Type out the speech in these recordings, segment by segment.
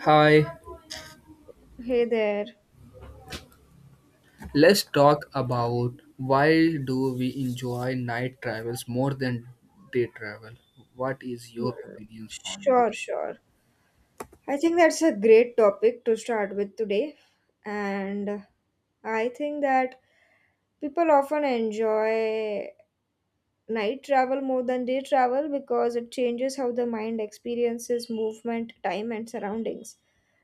Hi, Hey there. let's talk about why do we enjoy night travels more than day travel? What is your Hmm. opinions on this? Sure, sure. I think that's a great topic to start with today. And I think that people often enjoy night travel more than day travel because it changes how the mind experiences movement, time, and surroundings.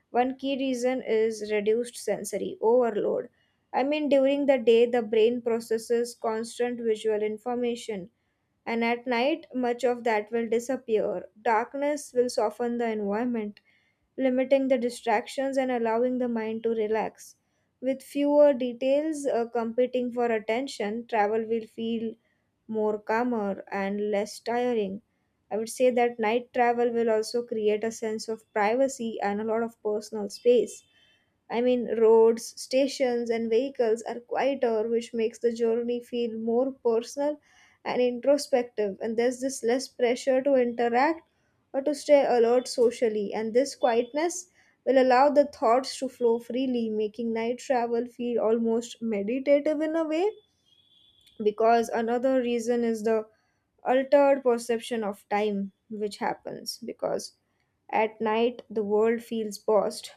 One key reason is reduced sensory overload. I mean, during the day, the brain processes constant visual information and at night much of that will disappear. Darkness will soften the environment, limiting the distractions and allowing the mind to relax. With fewer details competing for attention, travel will feel more calmer and less tiring. I would say that night travel will also create a sense of privacy and a lot of personal space. I mean, roads, stations, and vehicles are quieter, which makes the journey feel more personal and introspective. And there's this less pressure to interact or to stay alert socially. And this quietness will allow the thoughts to flow freely, making night travel feel almost meditative in a way because another reason is the altered perception of time, which happens because at night the world feels paused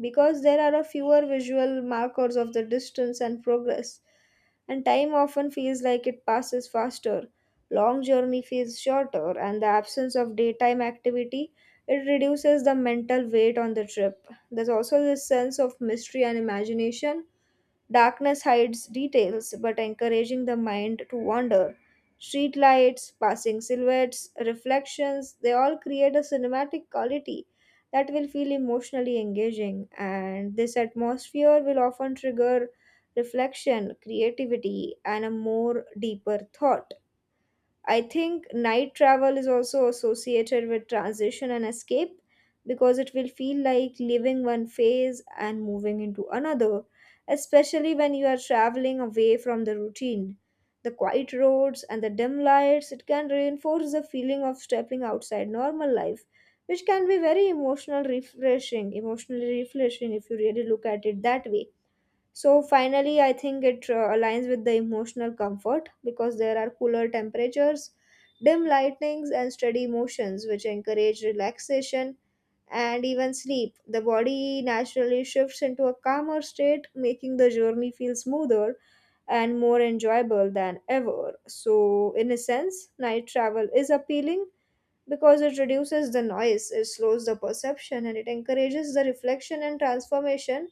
because there are a fewer visual markers of the distance and progress, and time often feels like it passes faster. Long journey feels shorter, and the absence of daytime activity, it reduces the mental weight on the trip. There's also this sense of mystery and imagination. Darkness hides details, but encouraging the mind to wander. Streetlights, passing silhouettes, reflections, they all create a cinematic quality that will feel emotionally engaging, and this atmosphere will often trigger reflection, creativity, and a more deeper thought. I think night travel is also associated with transition and escape because it will feel like leaving one phase and moving into another, especially when you are traveling away from the routine. The quiet roads and the dim lights, it can reinforce the feeling of stepping outside normal life, which can be very emotional refreshing, emotionally refreshing if you really look at it that way. So finally, I think it aligns with the emotional comfort because there are cooler temperatures, dim lightnings, and steady motions, which encourage relaxation and even sleep. The body naturally shifts into a calmer state, making the journey feel smoother and more enjoyable than ever. So, in a sense, night travel is appealing because it reduces the noise, it slows the perception, and it encourages the reflection and transformation,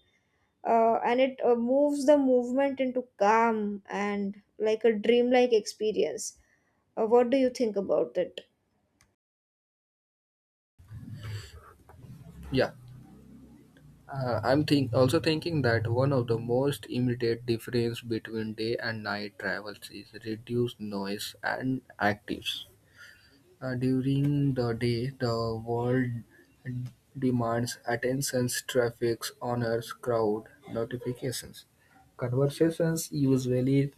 and it moves the movement into calm and like a dreamlike experience. What do you think about it? Yeah, I'm think also thinking that one of the most immediate difference between day and night travels is reduced noise and actives. During the day, the world demands attentions, traffics, honors, crowd, notifications. Conversations usually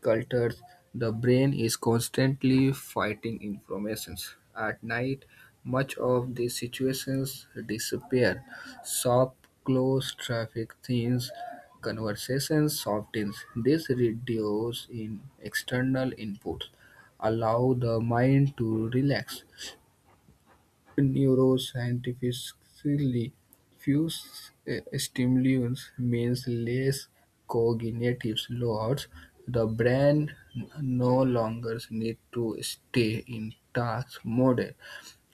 cultures, the brain is constantly fighting informations. At night, much of the situations disappear. Soft, close traffic things, conversations softens. This reduces in external inputs, allow the mind to relax. Neuroscientifically, fewer stimuli means less cognitive loads. The brain no longer needs to stay in task mode,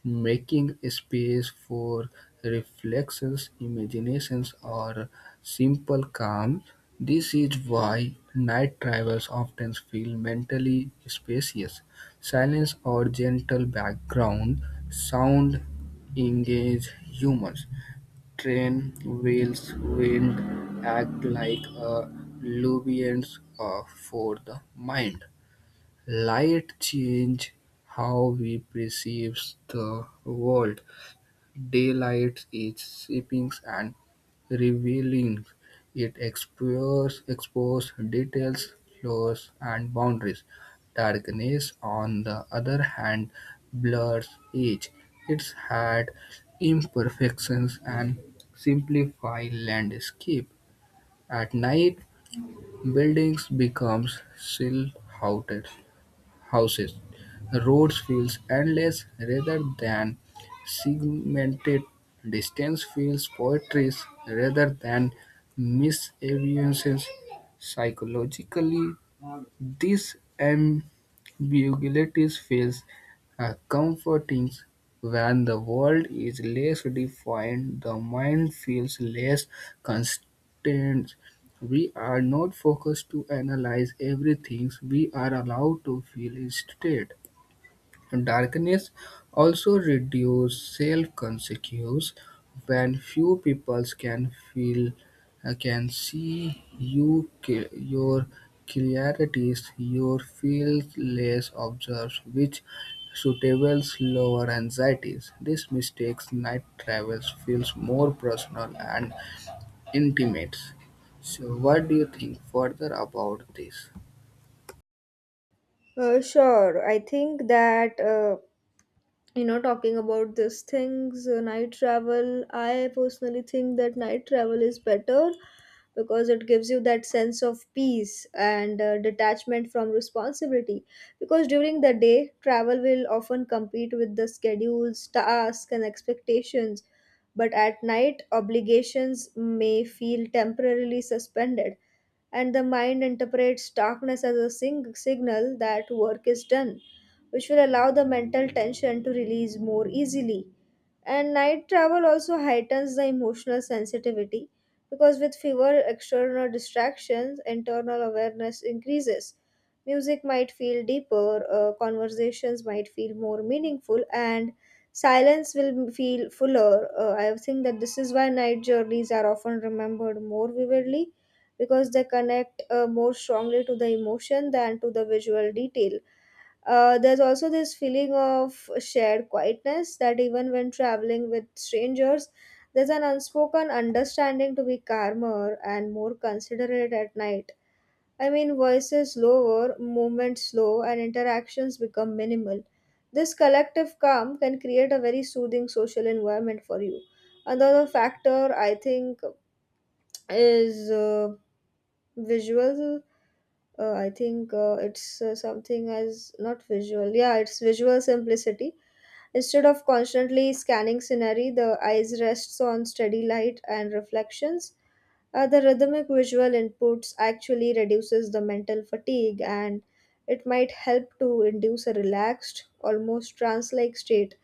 making space for reflections, imaginations, or simple calm. This is why night travels often feel mentally spacious. Silence or gentle background sound engage humans. Train wheels, wind act like a lubricant for the mind. Light change how we perceive the world. Daylight is shaping and revealing. It exposes, exposes details, flaws, and boundaries. Darkness, on the other hand, blurs edge. It's had imperfections and simplify landscape. At night, buildings becomes silhouetted houses, roads, fields, endless rather than segmented. Distance feels poetries rather than misaventions. Psychologically, this ambiguity feels comforting. When the world is less defined, the mind feels less constrained. We are not focused to analyze everything, we are allowed to feel instead. Darkness also reduces self-consciousness. When few people can feel can see you your clarities, your feel less observed, which suitables lower anxieties. This mistakes night travels feels more personal and intimate. So what do you think further about this? Sure, I think that. You know, talking about these things, night travel, I personally think that night travel is better because it gives you that sense of peace and detachment from responsibility because during the day travel will often compete with the schedules, tasks, and expectations, but at night obligations may feel temporarily suspended and the mind interprets darkness as a signal that work is done, which will allow the mental tension to release more easily. And night travel also heightens the emotional sensitivity because with fewer external distractions, internal awareness increases. Music might feel deeper, conversations might feel more meaningful, and silence will feel fuller. I think that this is why night journeys are often remembered more vividly because they connect more strongly to the emotion than to the visual detail. There's also this feeling of shared quietness that even when traveling with strangers, there's an unspoken understanding to be calmer and more considerate at night. I mean, voices lower, movement slow, and interactions become minimal. This collective calm can create a very soothing social environment for you. Another factor I think is visuals, I think it's something as not visual, yeah, it's visual simplicity. Instead of constantly scanning scenery, the eyes rests on steady light and reflections. The rhythmic visual inputs actually reduces the mental fatigue, and it might help to induce a relaxed, almost trance-like state,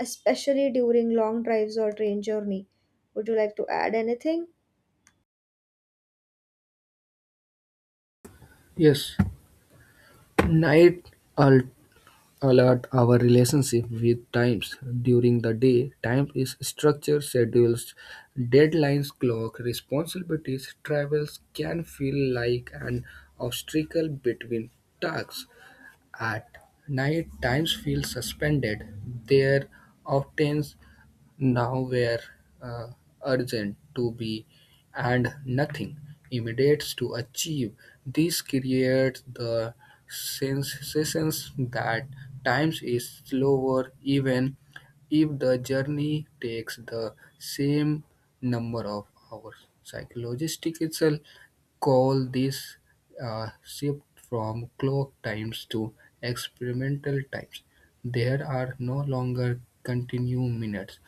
especially during long drives or train journey. Would you like to add anything? Yes, night al- a lot our relationship with times. During the day, time is structure schedules, deadlines, clock, responsibilities. Travels can feel like an obstacle between tasks. At night, times feel suspended. There often now were uh, urgent to be and nothing immediate to achieve. This creates the sensation that time is slower even if the journey takes the same number of hours. Psychologistic itself call this a shift from clock times to experimental times. There are no longer continuous minutes.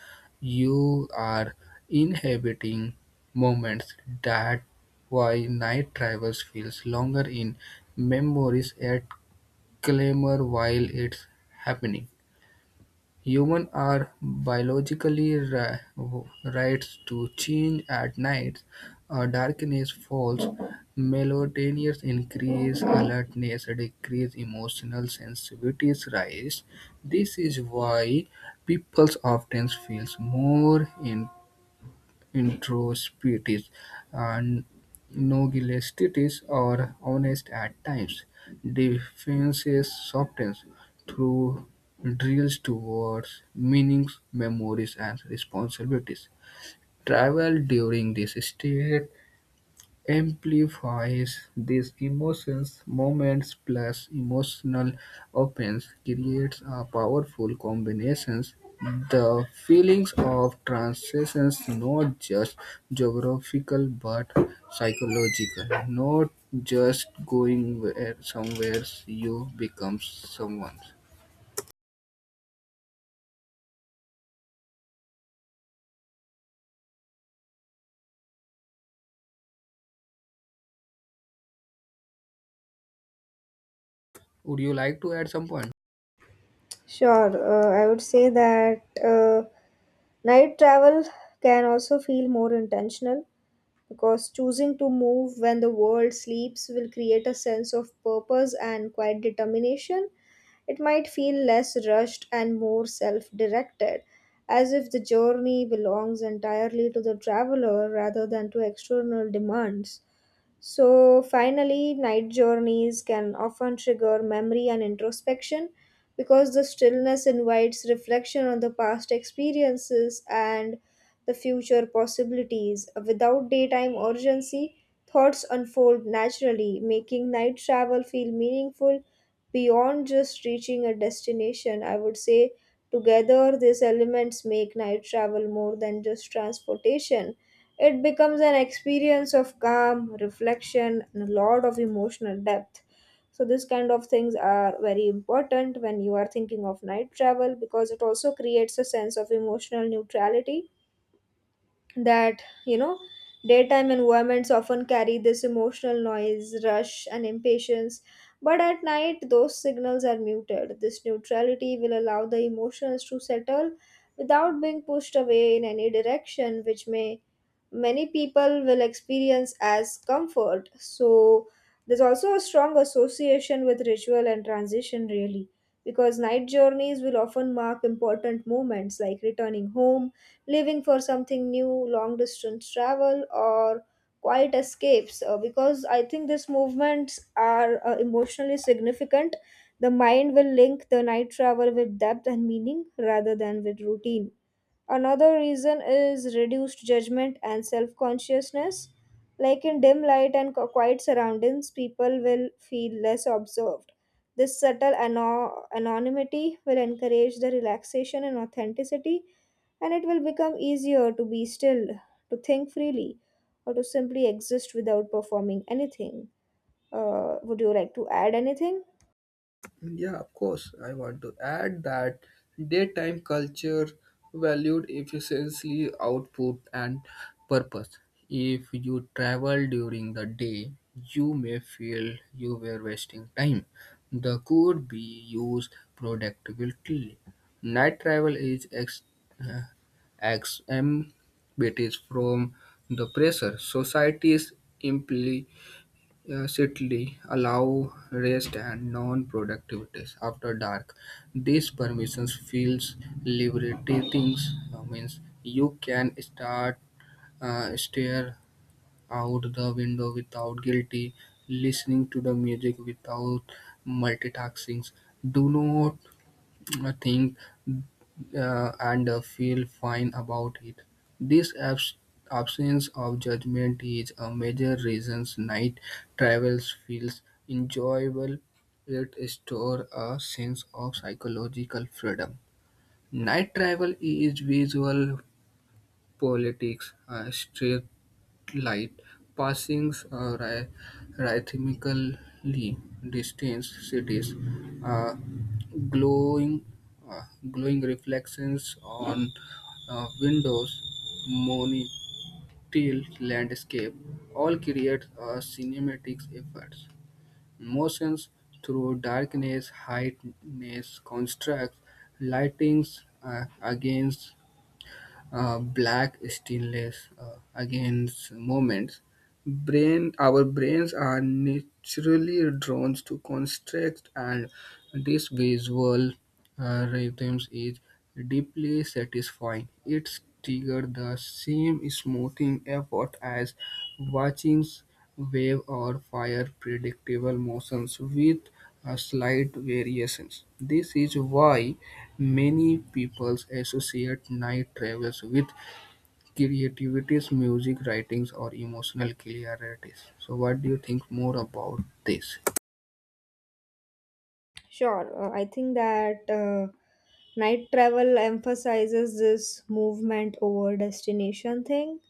You are inhabiting moments. That why night travels feels longer in memories at clamor while it's happening. Humans are biologically wired to change at night. Darkness falls, melatonin increase, alertness decrease, emotional sensitivities rise. This is why people often feel more introspective, and nondualistic or honest at times. Defenses soften through drills towards meanings, memories, and responsibilities. Travel during this state amplifies these emotions. Moments plus emotional opens creates a powerful combinations. The feelings of transitions, not just geographical but psychological. Not just going where somewhere, you become someone. Would you like to add some point? Sure, I would say that night travel can also feel more intentional because choosing to move when the world sleeps will create a sense of purpose and quiet determination. It might feel less rushed and more self directed, as if the journey belongs entirely to the traveler rather than to external demands. So, finally, night journeys can often trigger memory and introspection because the stillness invites reflection on the past experiences and the future possibilities. Without daytime urgency, thoughts unfold naturally, making night travel feel meaningful beyond just reaching a destination. I would say, together, these elements make night travel more than just transportation. It becomes an experience of calm, reflection, and a lot of emotional depth. So, this kind of things are very important when you are thinking of night travel because it also creates a sense of emotional neutrality. That you know daytime environments often carry this emotional noise, rush, and impatience, but at night those signals are muted. This neutrality will allow the emotions to settle without being pushed away in any direction, which may, many people will experience as comfort. So there's also a strong association with ritual and transition, really, because night journeys will often mark important moments like returning home, leaving for something new, long distance travel, or quiet escapes. Because I think these movements are emotionally significant. The mind will link the night travel with depth and meaning rather than with routine. Another reason is reduced judgment and self consciousness. Like in dim light and quiet surroundings, people will feel less observed. This subtle anonymity will encourage the relaxation and authenticity, and it will become easier to be still, to think freely, or to simply exist without performing anything. Would you like to add anything? Yeah, of course. I want to add that daytime culture valued efficiency, output, and purpose. If you travel during the day, you may feel you were wasting time that could be used productively. Night travel is uh, exempted from the pressure societies. Yes, Italy allow rest and non-productivities after dark. These permissions feels liberating. Means you can start stare out the window without guilty, listening to the music without multitasking. Do not, I think, and feel fine about it. This absence of judgment is a major reason night travels feels enjoyable. It stores a sense of psychological freedom. Night travel is visual politics. Strip light passing rhythmically, distant cities, uh, glowing, uh, glowing reflections on windows, monotile landscape, all create a cinematic effects. Motions through darkness, heightness, constructs, lightings against black stillness against moments brain. Our brains are naturally drawn to construct, and this visual rhythms is deeply satisfying. It triggers the same smoothing effort as watching wave or fire, predictable motions with a slight variations. This is why many people associate night travels with creativity, music writings, or emotional clarity. So, what do you think more about this? Sure. I think that night travel emphasizes this movement over destination thing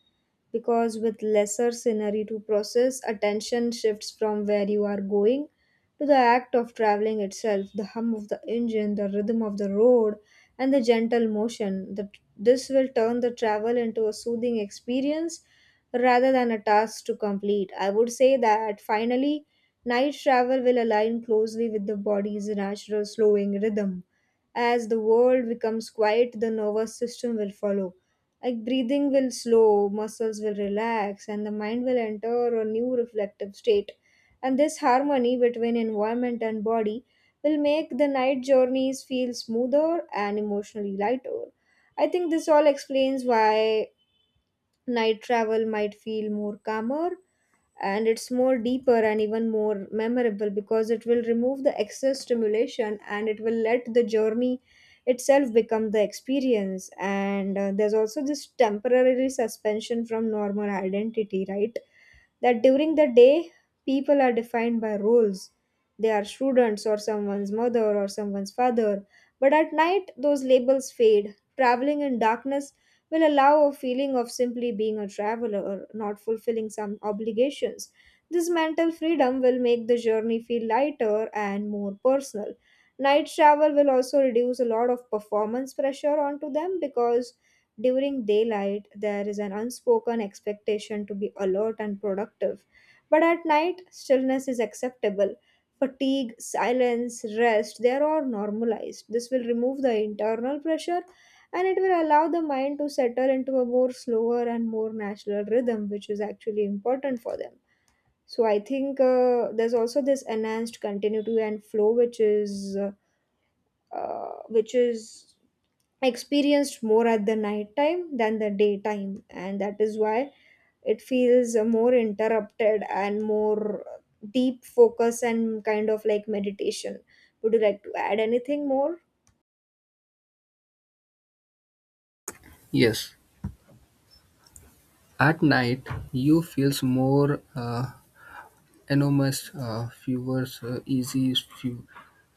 because with lesser scenery to process, attention shifts from where you are going to the act of traveling itself, the hum of the engine, the rhythm of the road, and the gentle motion. This will turn the travel into a soothing experience rather than a task to complete. I would say that finally, night travel will align closely with the body's natural slowing rhythm. As the world becomes quiet, the nervous system will follow, like breathing will slow, muscles will relax, and the mind will enter a new reflective state, and this harmony between environment and body will make the night journeys feel smoother and emotionally lighter. I think this all explains why night travel might feel more calmer and it's more deeper and even more memorable because it will remove the excess stimulation and it will let the journey itself become the experience. And there's also this temporary suspension from normal identity, right, that during the day people are defined by roles. They are students or someone's mother or someone's father, but at night those labels fade. Traveling in darkness will allow a feeling of simply being a traveler or not fulfilling some obligations. This mental freedom will make the journey feel lighter and more personal. Night travel will also reduce a lot of performance pressure onto them because during daylight there is an unspoken expectation to be alert and productive. But at night, stillness is acceptable. Fatigue, silence, rest, they are all normalized. This will remove the internal pressure and it will allow the mind to settle into a more slower and more natural rhythm, which is actually important for them. So I think there's also this enhanced continuity and flow, which is experienced more at the night time than the daytime, and that is why it feels more interrupted and more deep focus and kind of like meditation. Would you like to add anything more? Yes, at night you feels more enormous, uh, fewer uh, easy, few,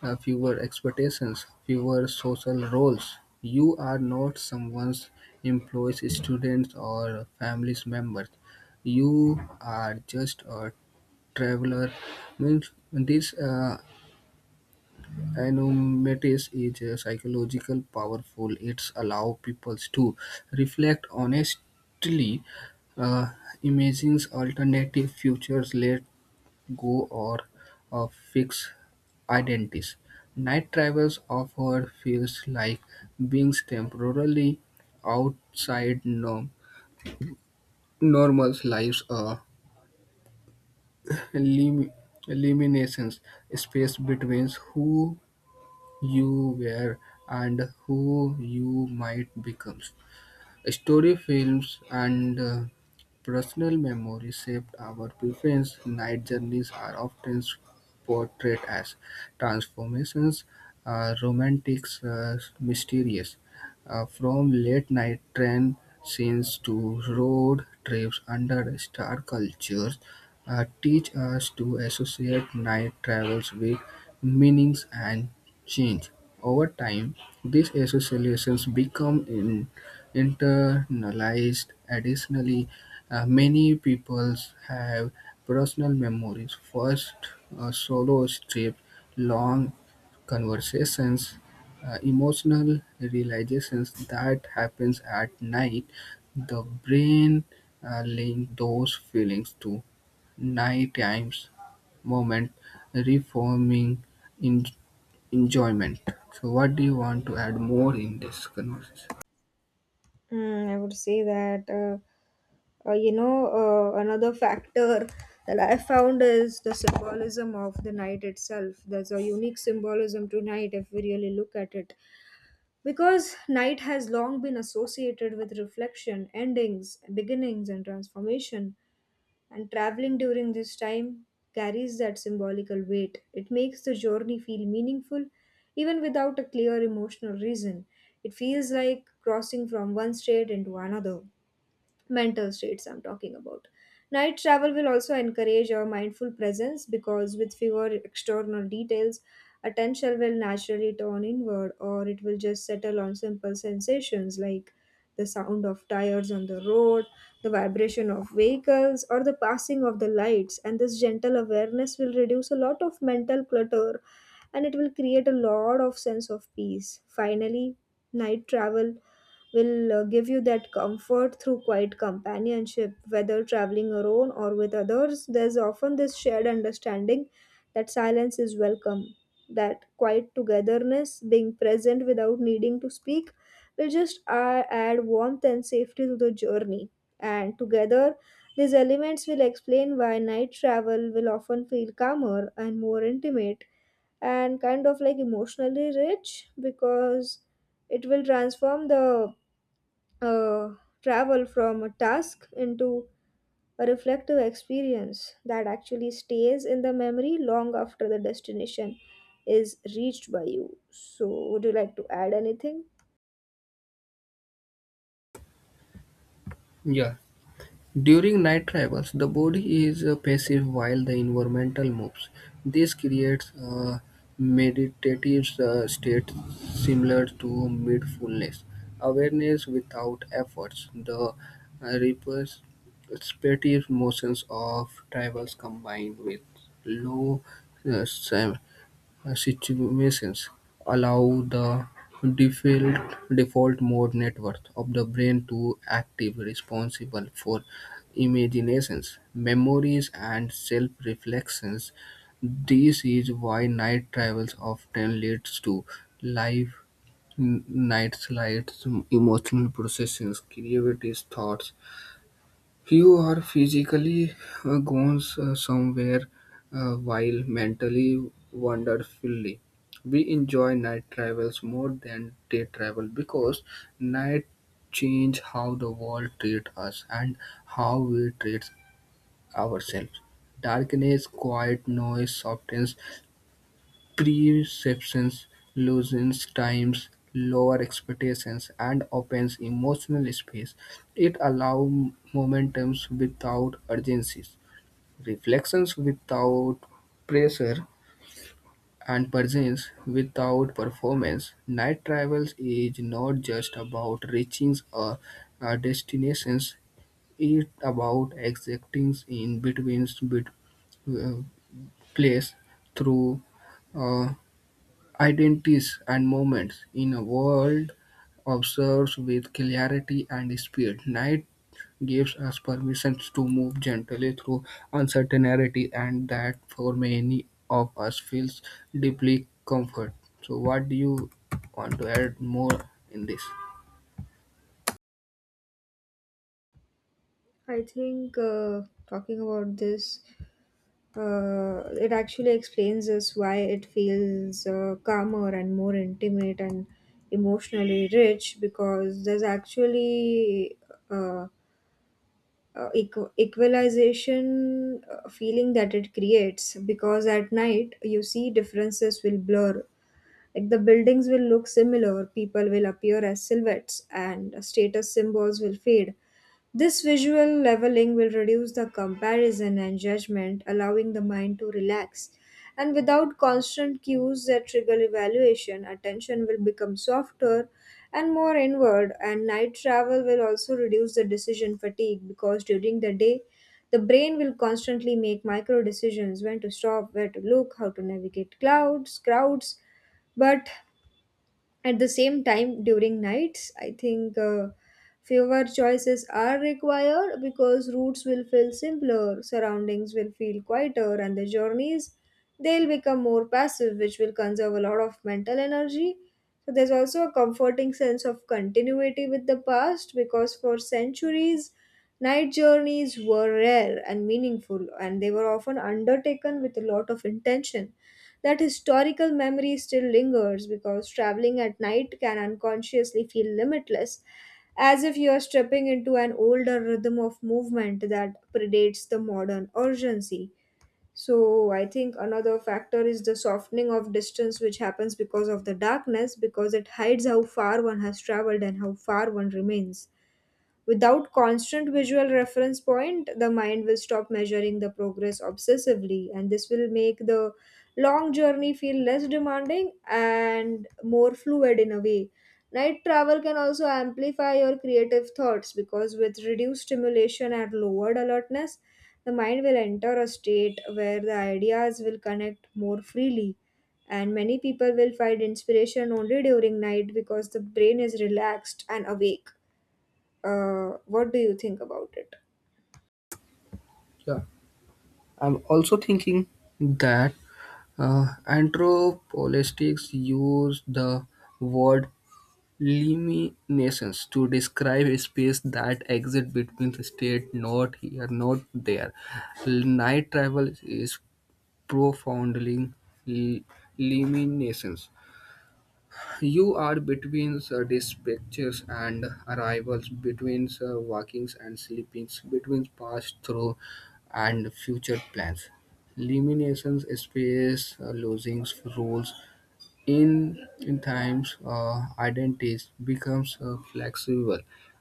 uh, fewer expectations, fewer social roles. You are not someone's employees, students, or family's members. You are just a traveler. Means this anonymity is psychological powerful. It's allow people to reflect honestly, uh, imagine alternative futures, let go, or uh, fix identities. Night travels offer feels like being temporarily outside normal lives. Lim- Eliminations space between who you were and who you might become. Story films and personal memory shaped our preference. Night journeys are often portrayed as transformations, romantic, mysterious. From late night train scenes to road trips under star cultures, teach us to associate night travels with meanings and change. Over time, these associations become internalized. Additionally, many peoples have personal memories, first solo trips, long conversations, emotional realizations that happens at night. The brain link those feelings to nighttime moment, reforming in- enjoyment. So, what do you want to add more in this conversation? Mm, I would say that another factor that I found is the symbolism of the night itself. There's a unique symbolism to night if we really look at it, because night has long been associated with reflection, endings, beginnings, and transformation, and traveling during this time carries that symbolical weight. It makes the journey feel meaningful even without a clear emotional reason. It feels like crossing from one state into another, mental states I'm talking about. Night travel will also encourage our mindful presence because with fewer external details, attention will naturally turn inward, or it will just settle on simple sensations like the sound of tires on the road, the vibration of vehicles, or the passing of the lights, and this gentle awareness will reduce a lot of mental clutter and it will create a lot of sense of peace. Finally, night travel will give you that comfort through quiet companionship, whether traveling alone or with others. There's often this shared understanding that silence is welcome, that quiet togetherness, being present without needing to speak, will just add warmth and safety to the journey. And together, these elements will explain why night travel will often feel calmer and more intimate and kind of like emotionally rich because it will transform the uh, travel from a task into a reflective experience that actually stays in the memory long after the destination is reached by you. So, would you like to add anything? Yeah. During night travels, the body is passive while the environmental moves. This creates a meditative state similar to mindfulness, awareness without efforts. The uh, repetitive motions of travels combined with low uh, situations allow the default, default mode network of the brain to active, responsible for imaginations, memories, and self-reflections. This is why night travels often leads to live night slides, emotional processions, creativity, thoughts. You are physically gone somewhere while mentally wonderfully. We enjoy night travels more than day travel because night change how the world treat us and how we treat ourselves. Darkness, quiet noise, softness, perception loosens times, lower expectations, and opens emotional space. It allows momentums without urgencies, reflections without pressure, and presence without performance. Night travels is not just about reaching a destination, it's about existing in between bit, uh, place through. Uh, Identities and moments in a world observes with clarity and speed. Night gives us permission to move gently through uncertainty, and that for many of us feels deeply comfort. So, what do you want to add more in this? I think talking about this, it actually explains us why it feels calmer and more intimate and emotionally rich because there's actually. Uh, equalization feeling that it creates because at night you see differences will blur like the buildings will look similar, people will appear as silhouettes, and status symbols will fade. This visual leveling will reduce the comparison and judgment, allowing the mind to relax. And without constant cues that trigger evaluation, attention will become softer and more inward. And night travel will also reduce the decision fatigue because during the day, the brain will constantly make micro decisions: when to stop, where to look, how to navigate crowds. But at the same time, during nights, I think fewer choices are required because routes will feel simpler, surroundings will feel quieter, and the journeys they'll become more passive, which will conserve a lot of mental energy. So there's also a comforting sense of continuity with the past because for centuries, night journeys were rare and meaningful, and they were often undertaken with a lot of intention. That historical memory still lingers because traveling at night can unconsciously feel limitless, as if you are stepping into an older rhythm of movement that predates the modern urgency. So, I think another factor is the softening of distance, which happens because of the darkness, because it hides how far one has traveled and how far one remains. Without constant visual reference point, the mind will stop measuring the progress obsessively, and this will make the long journey feel less demanding and more fluid in a way. Night travel can also amplify your creative thoughts because with reduced stimulation and lowered alertness, the mind will enter a state where the ideas will connect more freely. And many people will find inspiration only during night because the brain is relaxed and awake. What do you think about it? Yeah, I'm also thinking that anthropologists use the word limitations to describe a space that exists between the states, not here, not there. Night travel is profoundly li- limitations. You are between dispatches and arrivals, between walkings and sleepings, between past, through, and future plans. Limitations space losing rules in times, identities becomes flexible.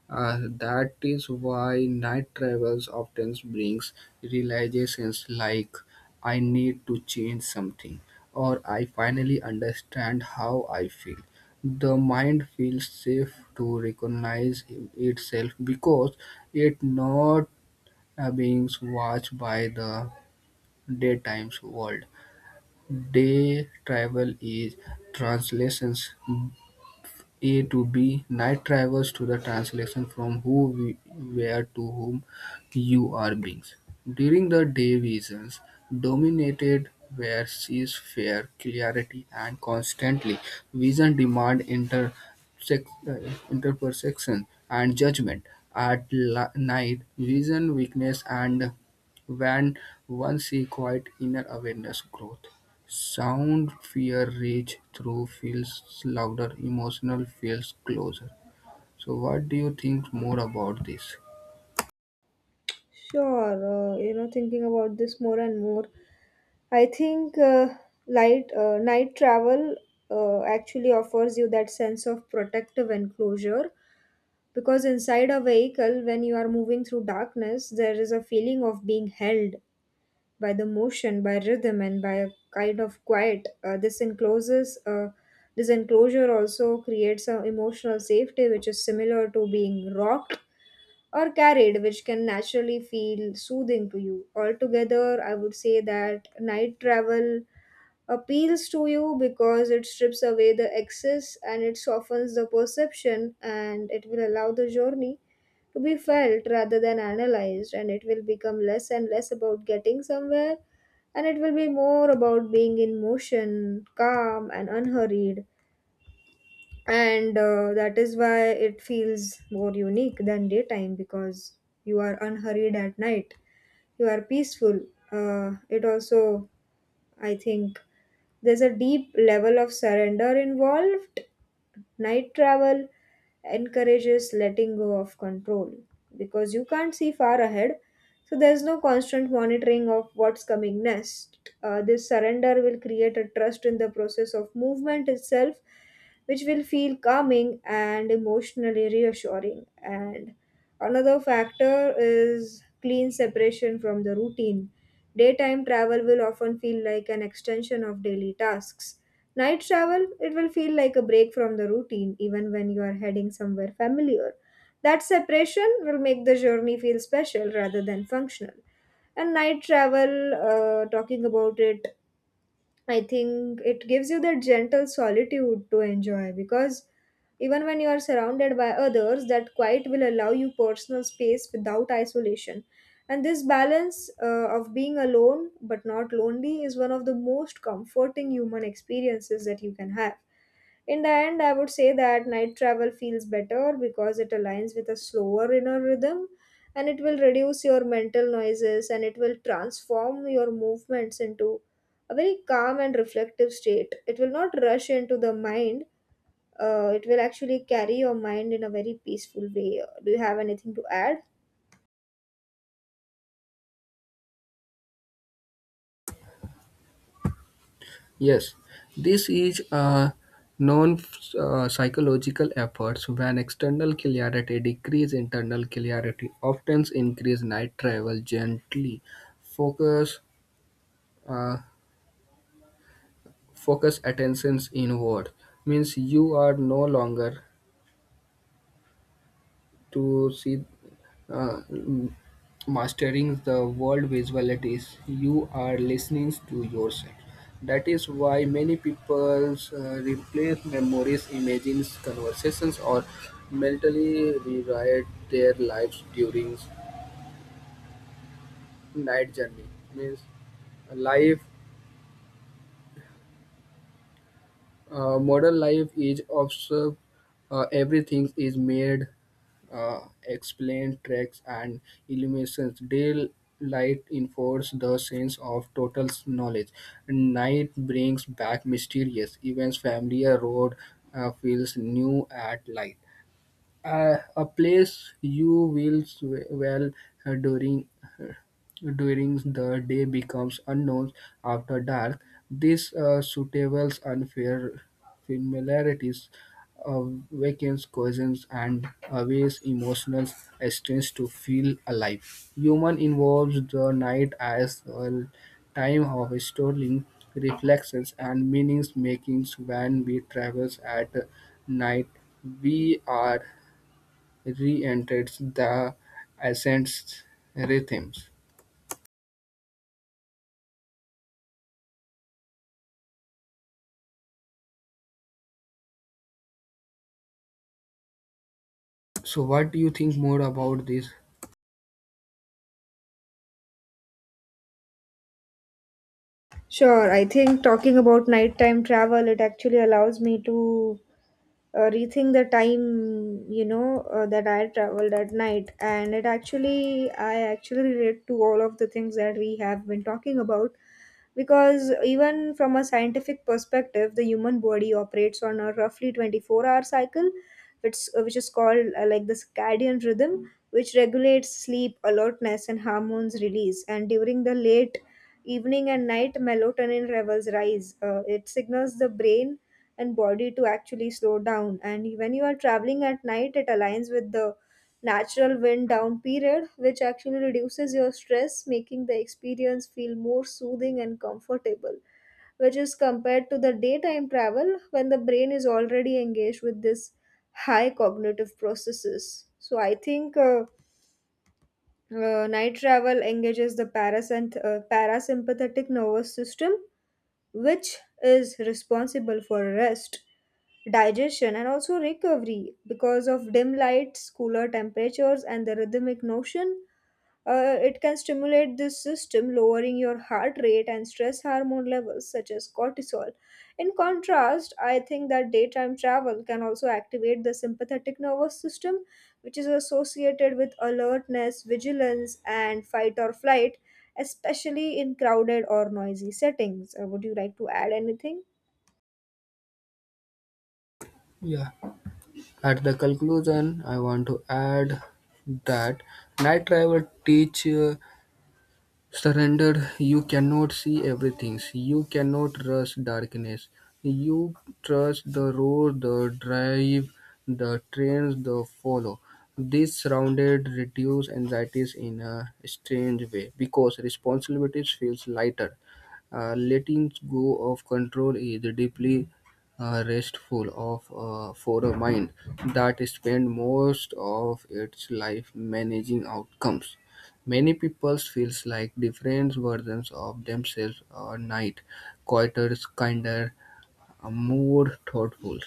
That is why night travels often brings realizations like I need to change something or I finally understand how I feel. The mind feels safe to recognize itself because it not being watched by the daytime's world. Day travel is translations A to B. Night travels to the translation from who we were to whom you are beings. During the day, visions dominated where sees fair clarity and constantly vision demand interperception and judgment. At night, vision weakness and when one see quiet inner awareness growth. Sound fear reach through feels louder. Emotional feels closer. So what do you think more about this? Sure, you know, thinking about this more and more, I think light night travel actually offers you that sense of protective enclosure because inside a vehicle, when you are moving through darkness, there is a feeling of being held by the motion, by rhythm, and by a kind of quiet. This encloses. This enclosure also creates an emotional safety, which is similar to being rocked or carried, which can naturally feel soothing to you. Altogether, I would say that night travel appeals to you because it strips away the excess, and it softens the perception, and it will allow the journey to be felt rather than analyzed, and it will become less and less about getting somewhere, and it will be more about being in motion, calm and unhurried, and that is why it feels more unique than daytime, because you are unhurried at night, you are peaceful. It also, I think, there's a deep level of surrender involved. Night travel encourages letting go of control because you can't see far ahead, so there's no constant monitoring of what's coming next. This surrender will create a trust in the process of movement itself, which will feel calming and emotionally reassuring. And another factor is clean separation from the routine. Daytime travel will often feel like an extension of daily tasks. Night travel, it will feel like a break from the routine, even when you are heading somewhere familiar. That separation will make the journey feel special rather than functional. And night travel, talking about it, I think it gives you that gentle solitude to enjoy because even when you are surrounded by others, that quiet will allow you personal space without isolation. And this balance of being alone but not lonely is one of the most comforting human experiences that you can have. In the end, I would say that night travel feels better because it aligns with a slower inner rhythm, and it will reduce your mental noises, and it will transform your movements into a very calm and reflective state. It will not rush into the mind. It will actually carry your mind in a very peaceful way. Do you have anything to add? Yes, this is a known psychological efforts. When external clarity decrease, internal clarity often increase. Night travel gently focus uh, focus attentions inward. Means you are no longer to see uh, mastering the world visualities, you are listening to yourself. That is why many people replace memories images, conversations, or mentally rewrite their lives during night journey. Means life. Modern life is observed, everything is made, uh, explained, tracks, and illuminations. Daylight enforces the sense of total knowledge. Night brings back mysterious events. Familiar road feels new at light. A place you will well uh, during uh, during the day becomes unknown after dark. This suitable unfair familiarities uh, awakens cousins and awakens emotional strength to feel alive. Human involves the night as a time of storing reflections and meanings makings. When we travel at night, we are re-enters the ancient rhythms. So, what do you think more about this? Sure, I think talking about nighttime travel, it actually allows me to rethink the time, you know, that I traveled at night, and it actually I actually relate to all of the things that we have been talking about, because even from a scientific perspective, the human body operates on a roughly 24-hour hour cycle, which is called, like the circadian rhythm, which regulates sleep, alertness, and hormones release. And during the late evening and night, melatonin levels rise. It signals the brain and body to actually slow down. And when you are traveling at night, it aligns with the natural wind down period, which actually reduces your stress, making the experience feel more soothing and comfortable, which is compared to the daytime travel when the brain is already engaged with this high cognitive processes. So I think. Night travel engages the parasympathetic nervous system, which is responsible for rest, digestion, and also recovery. Because of dim lights, cooler temperatures, and the rhythmic notion, it can stimulate this system, lowering your heart rate and stress hormone levels such as cortisol. In contrast, I think that daytime travel can also activate the sympathetic nervous system, which is associated with alertness, vigilance, and fight or flight, especially in crowded or noisy settings. Would you like to add anything? Yeah. At the conclusion, I want to add that night driver teach surrender. You cannot see everything. You cannot rush darkness. You trust the road, the drive, the trains, the follow. This surrounded reduce anxieties in a strange way because responsibilities feels lighter. Letting go of control is deeply restful of for a mind that spend most of its life managing outcomes. Many people feels like different versions of themselves are night, quieter, kinder, more thoughtful.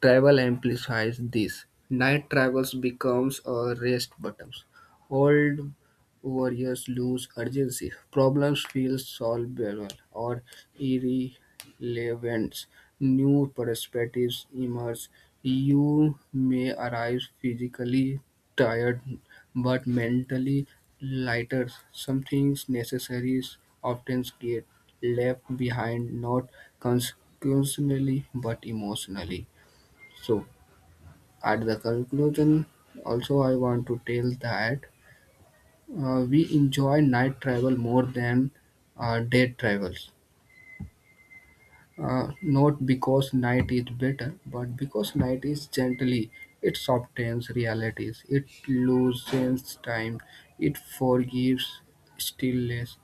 Travel amplifies this. Night travels becomes a rest button. Old warriors lose urgency. Problems feel solvable or irrelevant. New perspectives emerge. You may arrive physically tired but mentally lighter. Some things necessary often get left behind, not consequentially but emotionally. So, at the conclusion, also I want to tell that we enjoy night travel more than day travels. Not because night is better, but because night is gently, it softens realities, it loosens time, it forgives stillness.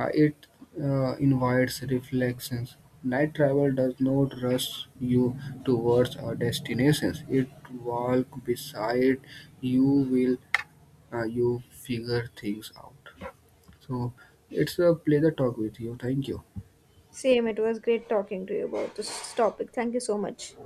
It invites reflections. Night travel does not rush you towards a destination. It walks beside you will you figure things out. So it's a pleasure talk with you. Thank you. Same, it was great talking to you about this topic. Thank you so much.